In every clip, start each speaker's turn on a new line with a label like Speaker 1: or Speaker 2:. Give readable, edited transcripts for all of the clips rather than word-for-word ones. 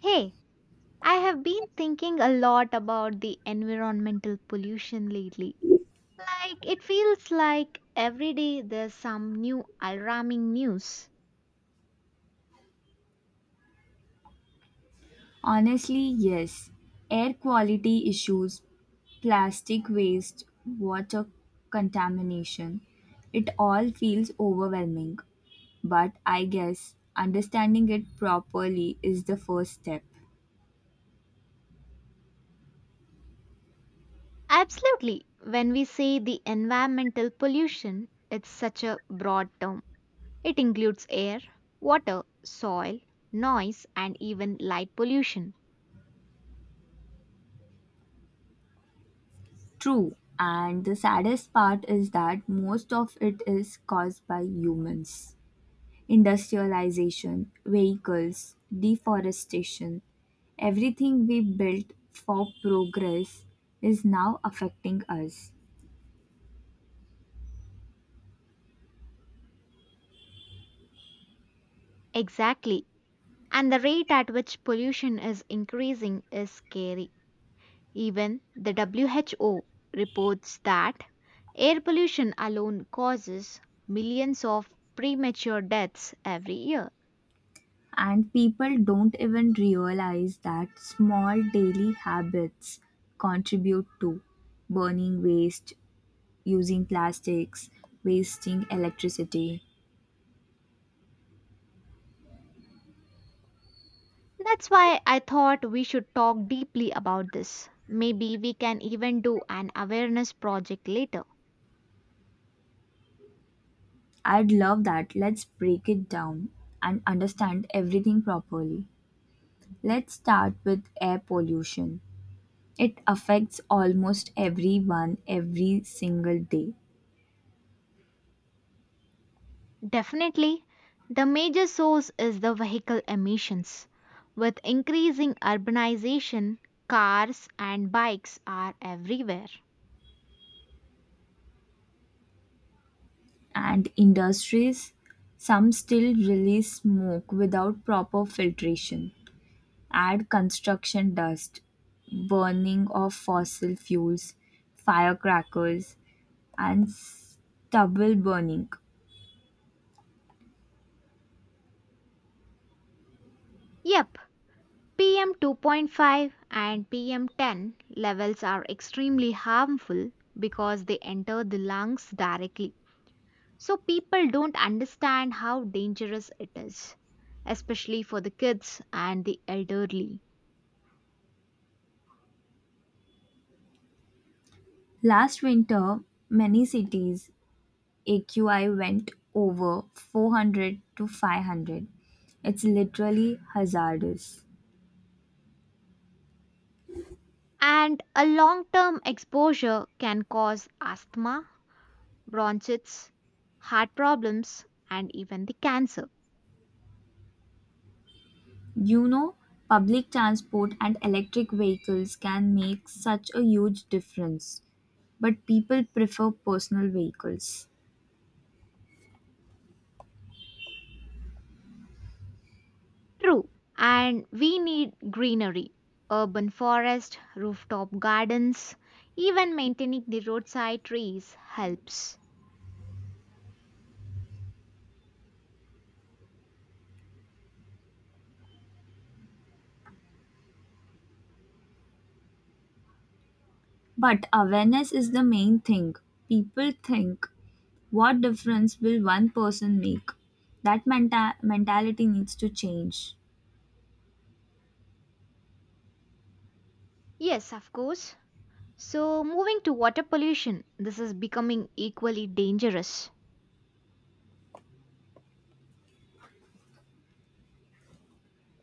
Speaker 1: Hey, I have been thinking a lot about the environmental pollution lately. Like, it feels like every day there's some new alarming news.
Speaker 2: Honestly, yes. Air quality issues, plastic waste, water contamination, it all feels overwhelming. But I guess understanding it properly is the first step.
Speaker 1: Absolutely, when we say the environmental pollution, it's such a broad term. It includes air, water, soil, noise, and even light pollution.
Speaker 2: True, and the saddest part is that most of it is caused by humans. Industrialization, vehicles, deforestation, everything we built for progress is now affecting us.
Speaker 1: Exactly. And the rate at which pollution is increasing is scary. Even the WHO reports that air pollution alone causes millions of premature deaths every year.
Speaker 2: And people don't even realize that small daily habits contribute to burning waste, using plastics, wasting electricity.
Speaker 1: That's why I thought we should talk deeply about this. Maybe we can even do an awareness project later.
Speaker 2: I'd love that. Let's break it down and understand everything properly. Let's start with air pollution. It affects almost everyone every single day.
Speaker 1: Definitely, the major source is the vehicle emissions. With increasing urbanization, cars and bikes are everywhere.
Speaker 2: And industries, some still release smoke without proper filtration. Add construction dust, burning of fossil fuels, firecrackers, and stubble burning.
Speaker 1: Yep, PM 2.5 and PM 10 levels are extremely harmful because they enter the lungs directly. So people don't understand how dangerous it is, especially for the kids and the elderly.
Speaker 2: Last winter, many cities AQI went over 400 to 500. It's literally hazardous.
Speaker 1: And a long term exposure can cause asthma, bronchitis, heart problems, and even the cancer.
Speaker 2: You know, public transport and electric vehicles can make such a huge difference, but people prefer personal vehicles.
Speaker 1: True, and we need greenery, urban forest, rooftop gardens, even maintaining the roadside trees helps.
Speaker 2: But awareness is the main thing. People think, what difference will one person make? That mentality needs to change.
Speaker 1: Yes, of course. So, moving to water pollution, this is becoming equally dangerous.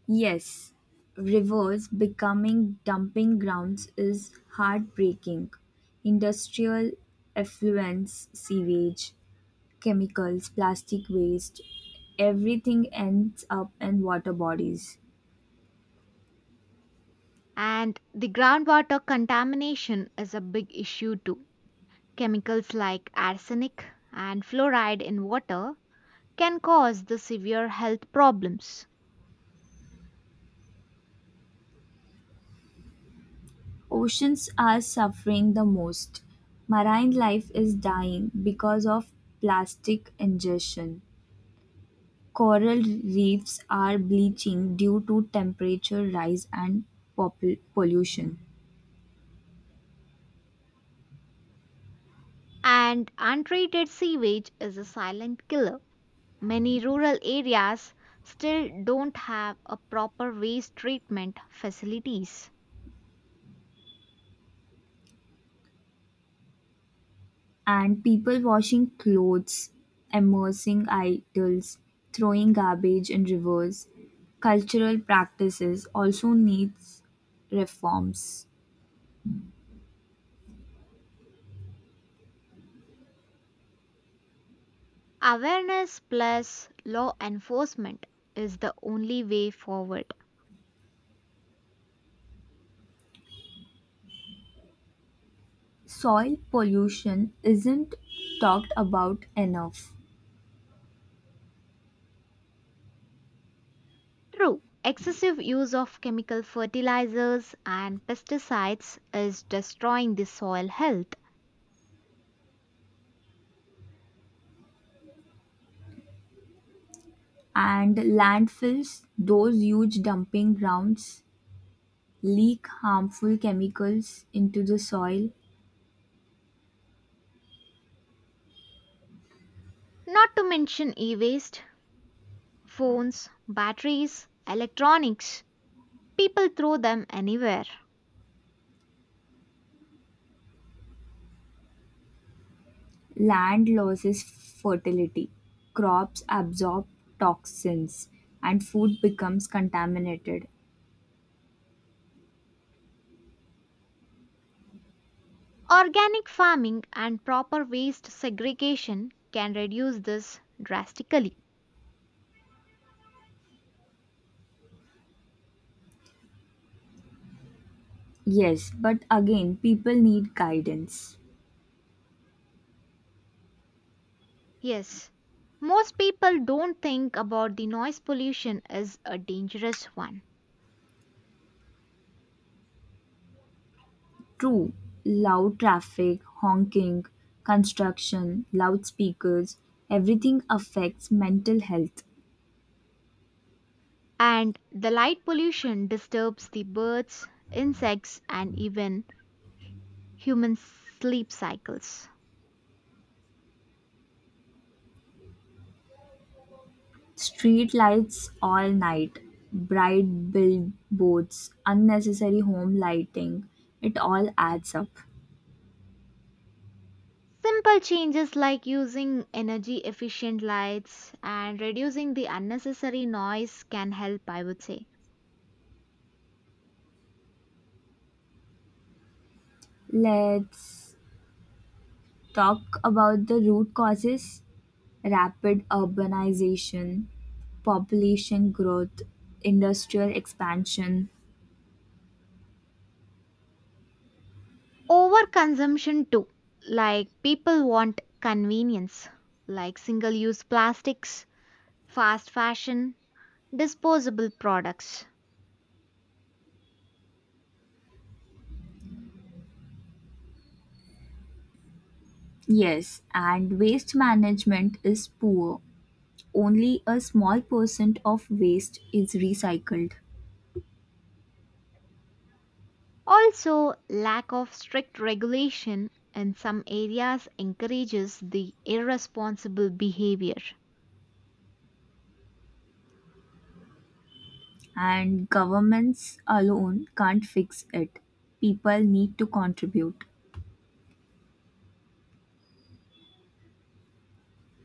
Speaker 2: Yes, rivers becoming dumping grounds is heartbreaking. Industrial effluents, sewage, chemicals, plastic waste, everything ends up in water bodies.
Speaker 1: And the groundwater contamination is a big issue too. Chemicals like arsenic and fluoride in water can cause the severe health problems.
Speaker 2: Oceans are suffering the most. Marine life is dying because of plastic ingestion. Coral reefs are bleaching due to temperature rise and pollution.
Speaker 1: And untreated sewage is a silent killer. Many rural areas still don't have a proper waste treatment facilities.
Speaker 2: And people washing clothes, immersing idols, throwing garbage in rivers. Cultural practices also needs reforms.
Speaker 1: Awareness plus law enforcement is the only way forward.
Speaker 2: Soil pollution isn't talked about enough.
Speaker 1: True, excessive use of chemical fertilizers and pesticides is destroying the soil health.
Speaker 2: And landfills, those huge dumping grounds, leak harmful chemicals into the soil.
Speaker 1: Not to mention e waste, phones, batteries, electronics. People throw them anywhere.
Speaker 2: Land loses fertility, crops absorb toxins, and food becomes contaminated.
Speaker 1: Organic farming and proper waste segregation can reduce this drastically.
Speaker 2: Yes, but again, people need guidance.
Speaker 1: Yes, most people don't think about the noise pollution as a dangerous one.
Speaker 2: True, loud traffic, honking, construction, loudspeakers, everything affects mental health.
Speaker 1: And the light pollution disturbs the birds, insects, and even human sleep cycles.
Speaker 2: Street lights all night, bright billboards, unnecessary home lighting, it all adds up.
Speaker 1: Simple changes like using energy efficient lights and reducing the unnecessary noise can help, I would say.
Speaker 2: Let's talk about the root causes: rapid urbanization, population growth, industrial expansion.
Speaker 1: Overconsumption too, like people want convenience, like single use plastics, fast fashion, disposable products.
Speaker 2: Yes, and waste management is poor. Only a small percent of waste is recycled,
Speaker 1: Also, lack of strict regulation in some areas encourages the irresponsible behavior.
Speaker 2: and governments alone can't fix it. People need to contribute.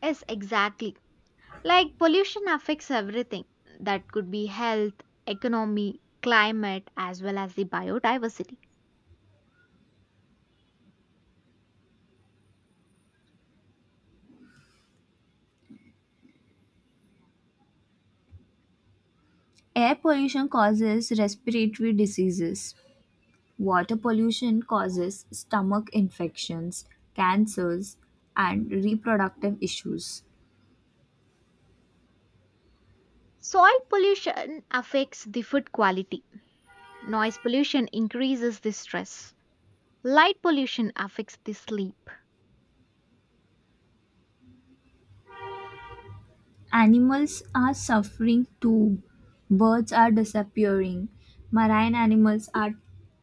Speaker 1: Yes, exactly. Like pollution affects everything that could be health, economy, climate, as well as the biodiversity.
Speaker 2: Air pollution causes respiratory diseases, water pollution causes stomach infections, cancers, and reproductive issues.
Speaker 1: Soil pollution affects the food quality. Noise pollution increases the stress. Light pollution affects the sleep.
Speaker 2: Animals are suffering too. Birds are disappearing. Marine animals are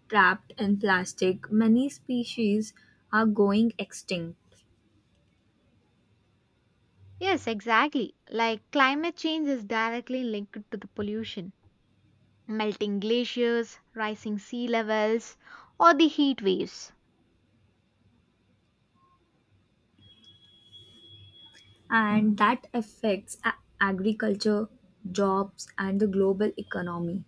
Speaker 2: trapped in plastic. Many species are going extinct,
Speaker 1: Yes, exactly. Like climate change is directly linked to the pollution, melting glaciers, rising sea levels, or the heat waves.
Speaker 2: and that affects agriculture, jobs, and the global economy.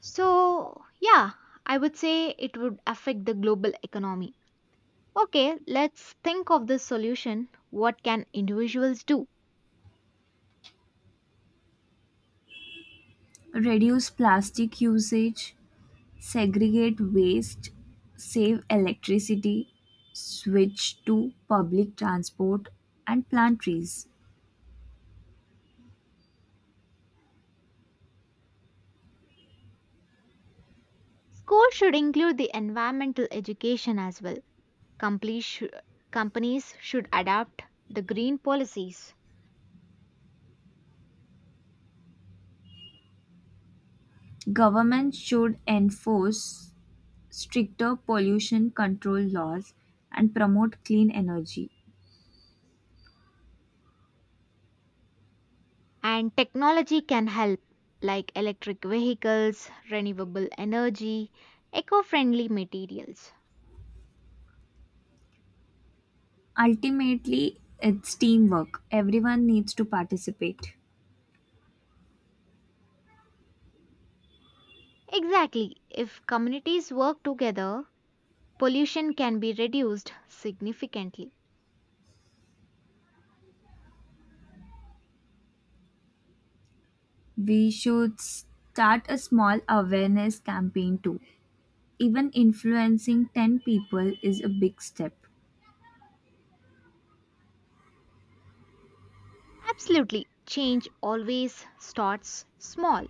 Speaker 1: So, yeah, I would say it would affect the global economy. Okay, let's think of the solution. What can individuals do?
Speaker 2: Reduce plastic usage, segregate waste, save electricity, switch to public transport, and plant trees.
Speaker 1: Schools should include the environmental education as well. Compli- shou- Companies should adapt the green policies.
Speaker 2: Government should enforce stricter pollution control laws and promote clean energy.
Speaker 1: And technology can help, like electric vehicles, renewable energy, eco friendly materials.
Speaker 2: Ultimately, it's teamwork. Everyone needs to participate.
Speaker 1: Exactly, if communities work together, pollution can be reduced significantly.
Speaker 2: We should start a small awareness campaign too. Even influencing 10 people is a big step.
Speaker 1: Absolutely, change always starts small.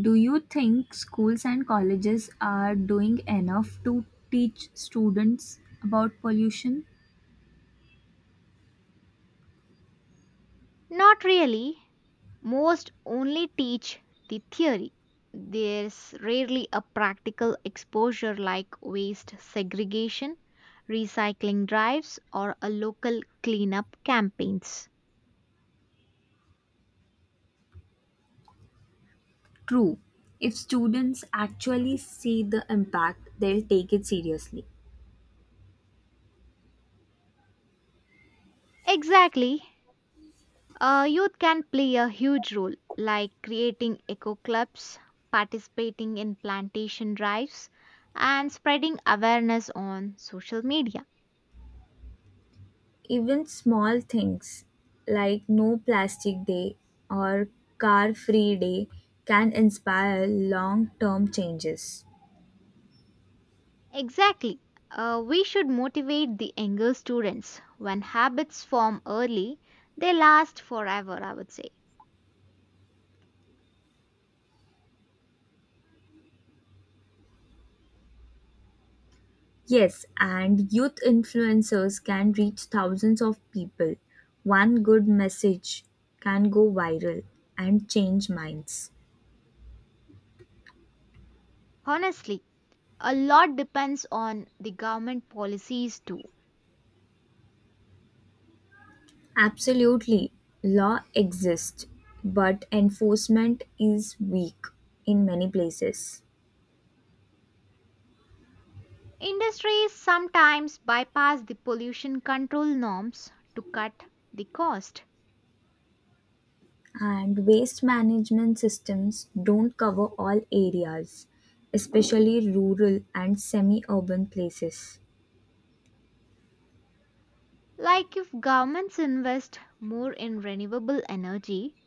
Speaker 2: Do you think schools and colleges are doing enough to teach students about pollution?
Speaker 1: Not really. Most only teach the theory. There's rarely a practical exposure like waste segregation, recycling drives, or a local cleanup campaigns.
Speaker 2: True. If students actually see the impact, they'll take it seriously.
Speaker 1: Exactly. Youth can play a huge role, like creating eco clubs, participating in plantation drives, and spreading awareness on social media.
Speaker 2: Even small things like no plastic day or car free day can inspire long term changes.
Speaker 1: Exactly. We should motivate the younger students. When habits form early, they last forever, I would say.
Speaker 2: Yes, and youth influencers can reach thousands of people. One good message can go viral and change minds.
Speaker 1: Honestly, a lot depends on the government policies too.
Speaker 2: Absolutely, law exists, but enforcement is weak in many places.
Speaker 1: Industries sometimes bypass the pollution control norms to cut the cost.
Speaker 2: And waste management systems don't cover all areas, especially rural and semi urban places.
Speaker 1: Like if governments invest more in renewable energy,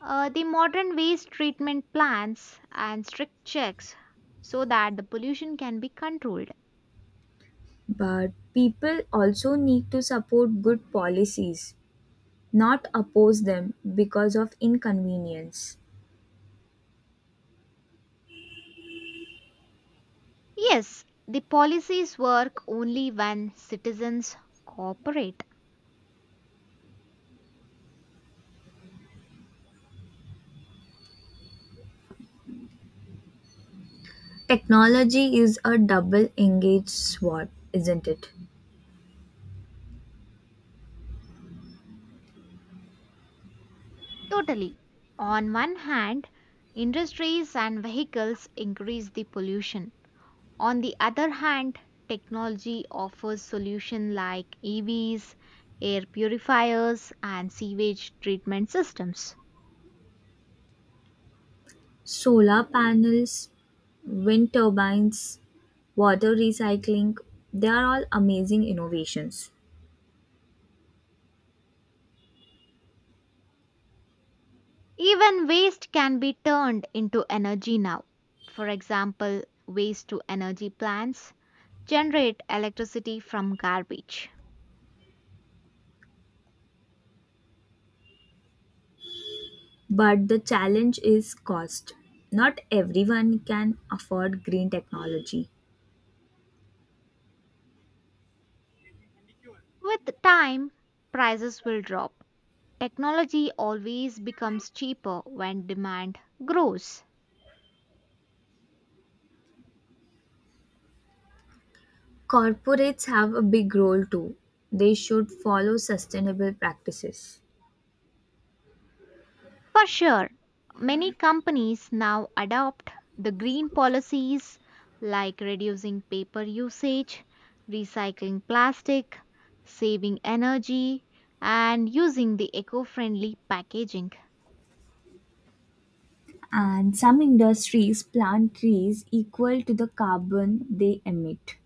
Speaker 1: the modern waste treatment plants, and strict checks so that the pollution can be controlled.
Speaker 2: But people also need to support good policies, not oppose them because of inconvenience.
Speaker 1: Yes, the policies work only when citizens cooperate.
Speaker 2: Technology is a double engaged sword, isn't it?
Speaker 1: Totally. On one hand, industries and vehicles increase the pollution. On the other hand, technology offers solutions like EVs, air purifiers, and sewage treatment systems.
Speaker 2: Solar panels, wind turbines, water recycling, they are all amazing innovations.
Speaker 1: Even waste can be turned into energy now. For example, waste to energy plants generate electricity from garbage.
Speaker 2: But the challenge is cost. Not everyone can afford green technology.
Speaker 1: With time, prices will drop. Technology always becomes cheaper when demand grows.
Speaker 2: Corporates have a big role too. They should follow sustainable practices.
Speaker 1: For sure, many companies now adopt the green policies like reducing paper usage, recycling plastic, saving energy, and using the eco friendly packaging.
Speaker 2: And some industries plant trees equal to the carbon they emit.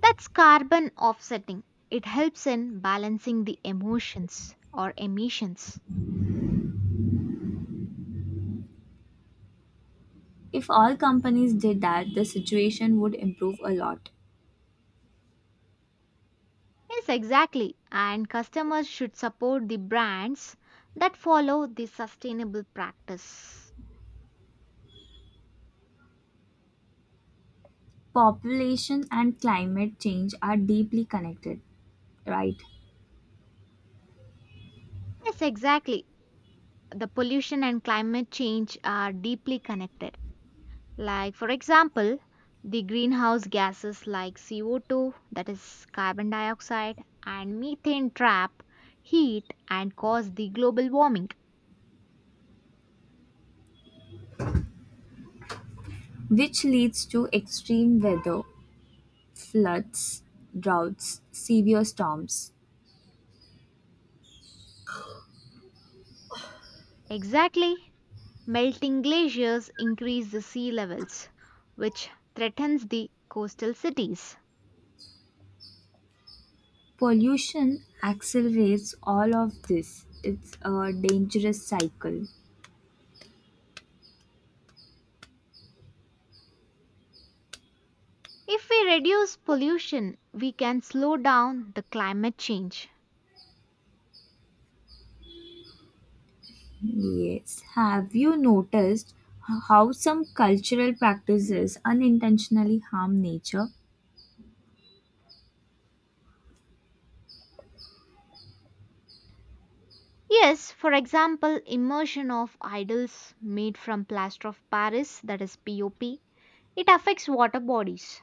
Speaker 1: That's carbon offsetting. It helps in balancing the emotions or emissions.
Speaker 2: If all companies did that, the situation would improve a lot.
Speaker 1: Yes, exactly. And customers should support the brands that follow the sustainable practice.
Speaker 2: Population and climate change are deeply connected, right?
Speaker 1: Yes, exactly. The pollution and climate change are deeply connected. Like, for example, the greenhouse gases like CO2, that is carbon dioxide, and methane trap heat and cause the global warming.
Speaker 2: Which leads to extreme weather, floods, droughts, severe storms.
Speaker 1: Exactly. Melting glaciers increase the sea levels, which threatens the coastal cities.
Speaker 2: Pollution accelerates all of this. It's a dangerous cycle.
Speaker 1: If we reduce pollution, we can slow down the climate change.
Speaker 2: Yes. Have you noticed how some cultural practices unintentionally harm nature?
Speaker 1: Yes, for example, immersion of idols made from plaster of Paris, that is POP, it affects water bodies.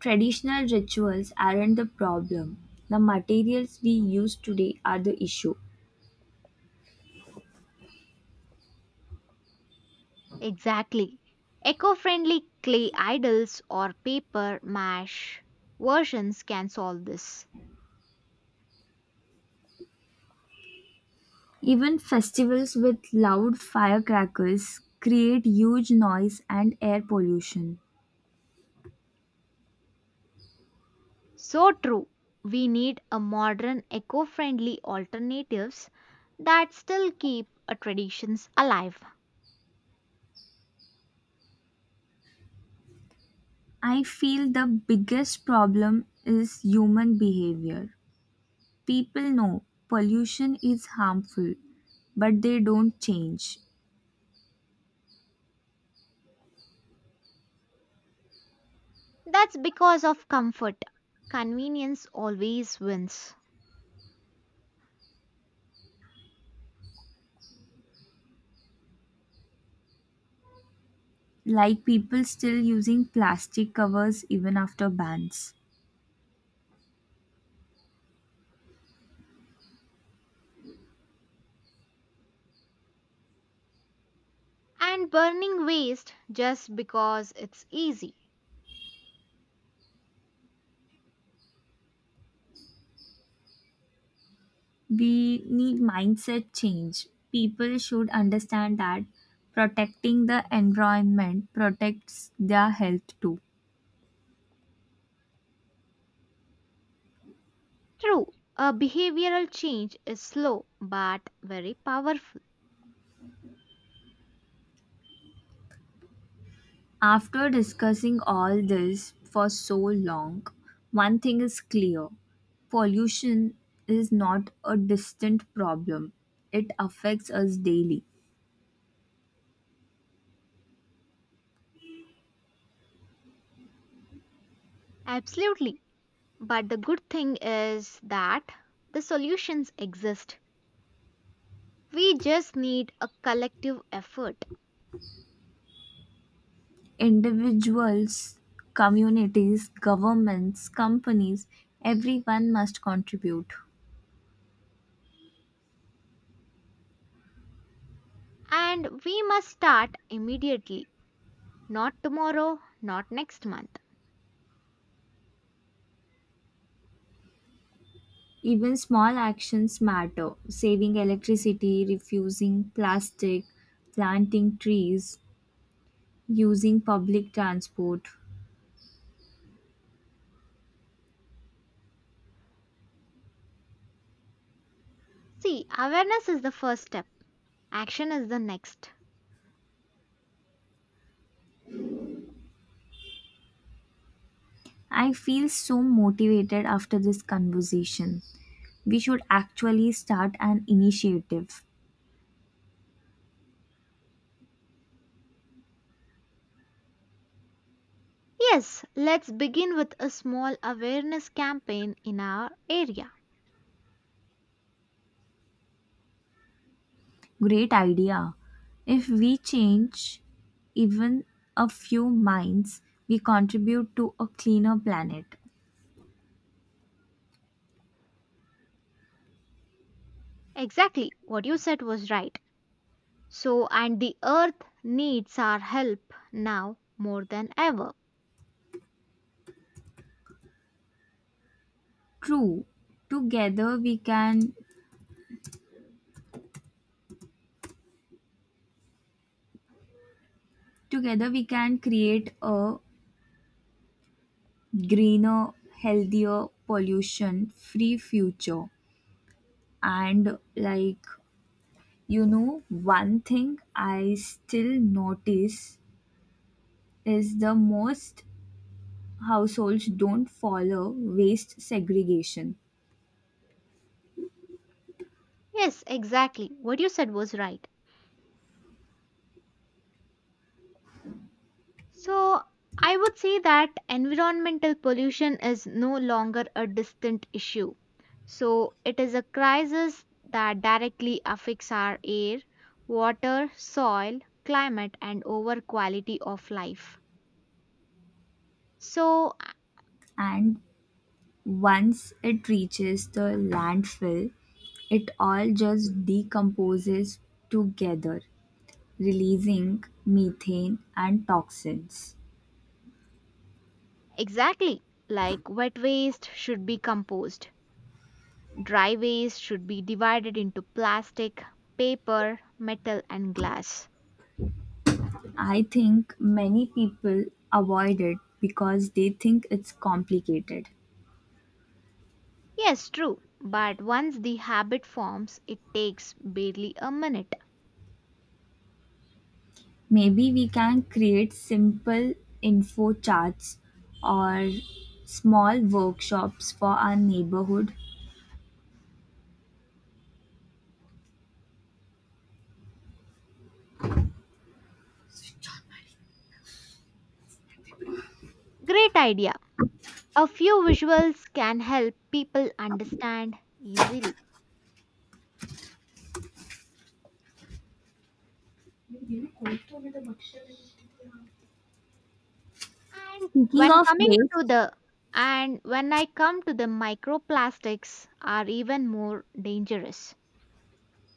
Speaker 2: Traditional rituals aren't the problem. The materials we use today are the issue.
Speaker 1: Exactly. Eco friendly clay idols or paper mash versions can solve this.
Speaker 2: Even festivals with loud firecrackers create huge noise and air pollution.
Speaker 1: So true. We need a modern eco friendly alternatives that still keep a traditions alive.
Speaker 2: I feel the biggest problem is human behavior. People know pollution is harmful, but they don't change.
Speaker 1: That's because of comfort. Convenience always wins.
Speaker 2: Like people still using plastic covers even after bans.
Speaker 1: And burning waste just because it's easy.
Speaker 2: We need mindset change. People should understand that protecting the environment protects their health too.
Speaker 1: True, a behavioral change is slow but very powerful.
Speaker 2: After discussing all this for so long, one thing is clear: pollution is not a distant problem, it affects us daily.
Speaker 1: Absolutely. But the good thing is that the solutions exist. We just need a collective effort.
Speaker 2: Individuals, communities, governments, companies, everyone must contribute.
Speaker 1: And we must start immediately, not tomorrow, not next month.
Speaker 2: Even small actions matter. Saving electricity, refusing plastic, planting trees, using public transport.
Speaker 1: See, awareness is the first step, action is the next.
Speaker 2: I feel so motivated after this conversation. We should actually start an initiative.
Speaker 1: Yes, let's begin with a small awareness campaign in our area.
Speaker 2: Great idea. If we change even a few minds, we contribute to a cleaner planet.
Speaker 1: Exactly, what you said was right. So, and the earth needs our help now more than ever.
Speaker 2: True. Together we can Together we can create a greener, healthier, pollution-free future. And one thing I still notice is the most households don't follow waste segregation.
Speaker 1: Yes, exactly, what you said was right. So, I would say that environmental pollution is no longer a distant issue. So, it is a crisis that directly affects our air, water, soil, climate, and over quality of life. So, uh,
Speaker 2: And once it reaches the landfill, it all just decomposes together, releasing methane and toxins.
Speaker 1: exactly, like wet waste should be composed, dry waste should be divided into plastic, paper, metal, and glass.
Speaker 2: I think many people avoid it because they think it's complicated.
Speaker 1: Yes, true, but once the habit forms, it takes barely a minute.
Speaker 2: Maybe we can create simple info charts or small workshops for our neighborhood.
Speaker 1: Great idea! A few visuals can help people understand easily. And
Speaker 2: Speaking
Speaker 1: when
Speaker 2: of
Speaker 1: coming to
Speaker 2: waste,
Speaker 1: the and when I come to the microplastics are even more dangerous.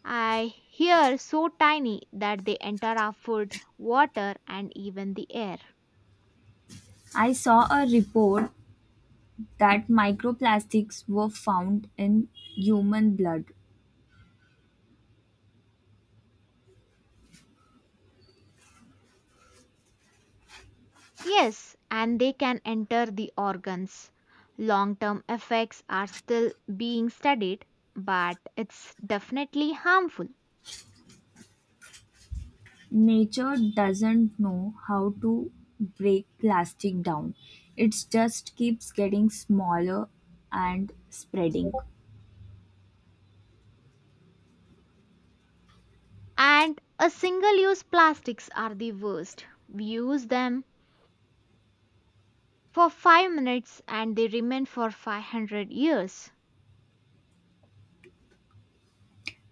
Speaker 1: I hear so tiny that they enter our food, water, and even the air.
Speaker 2: I saw a report that microplastics were found in human blood.
Speaker 1: Yes, and they can enter the organs. Long term effects are still being studied, but it's definitely harmful.
Speaker 2: Nature doesn't know how to break plastic down. It just keeps getting smaller and spreading.
Speaker 1: And a single use plastics are the worst. We use them for 5 minutes and they remain for 500 years.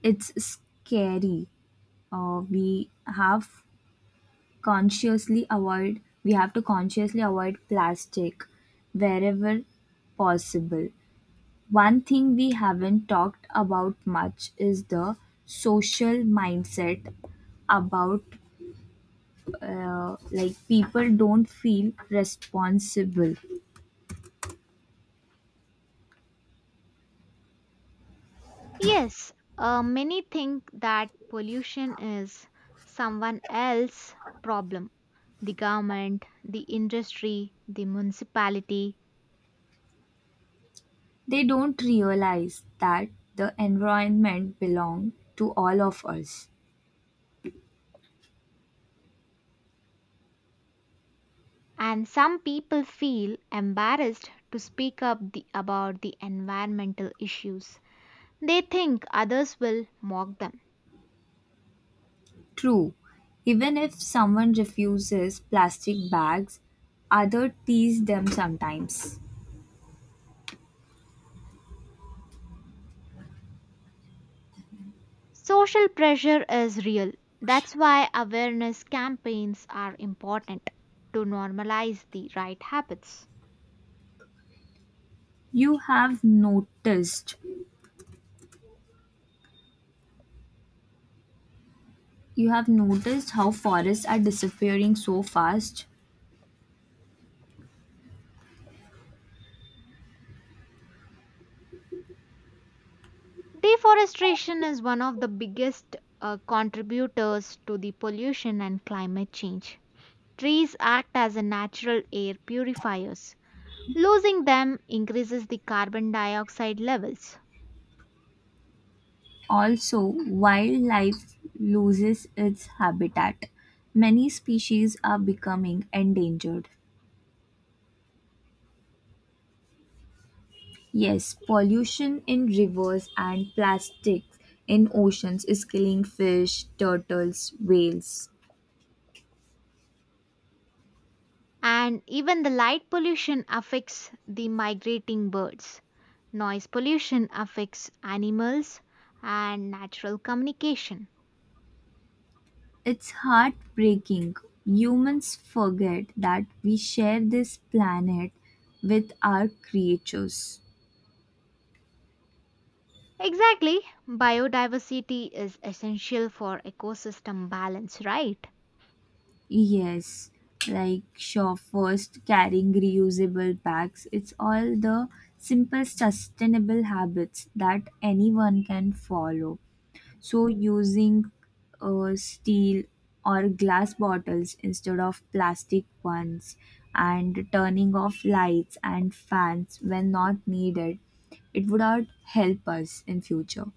Speaker 2: It's scary. Uh, we have we have to consciously avoid plastic wherever possible. One thing we haven't talked about much is the social mindset about like people don't feel responsible.
Speaker 1: Yes, many think that pollution is someone else's problem, the government, the industry, the municipality,
Speaker 2: They don't realize that the environment belongs to all of us.
Speaker 1: and some people feel embarrassed to speak up about the environmental issues. They think others will mock them.
Speaker 2: True, even if someone refuses plastic bags, others tease them sometimes.
Speaker 1: Social pressure is real. That's why awareness campaigns are important to normalize the right habits.
Speaker 2: You have noticed you have noticed how forests are disappearing so fast?
Speaker 1: Deforestation is one of the biggest contributors to the pollution and climate change. Trees act as a natural air purifiers. Losing them increases the carbon dioxide levels.
Speaker 2: Also, wildlife loses its habitat. Many species are becoming endangered. Yes, pollution in rivers and plastics in oceans is killing fish, turtles, whales.
Speaker 1: And even the light pollution affects the migrating birds. Noise pollution affects animals and natural communication.
Speaker 2: It's heartbreaking. Humans forget that we share this planet with our creatures.
Speaker 1: Exactly, biodiversity is essential for ecosystem balance, right?
Speaker 2: Yes, like shop first, carrying reusable bags. It's all the simple sustainable habits that anyone can follow. So, using steel or glass bottles instead of plastic ones, and turning off lights and fans when not needed, it would all help us in future.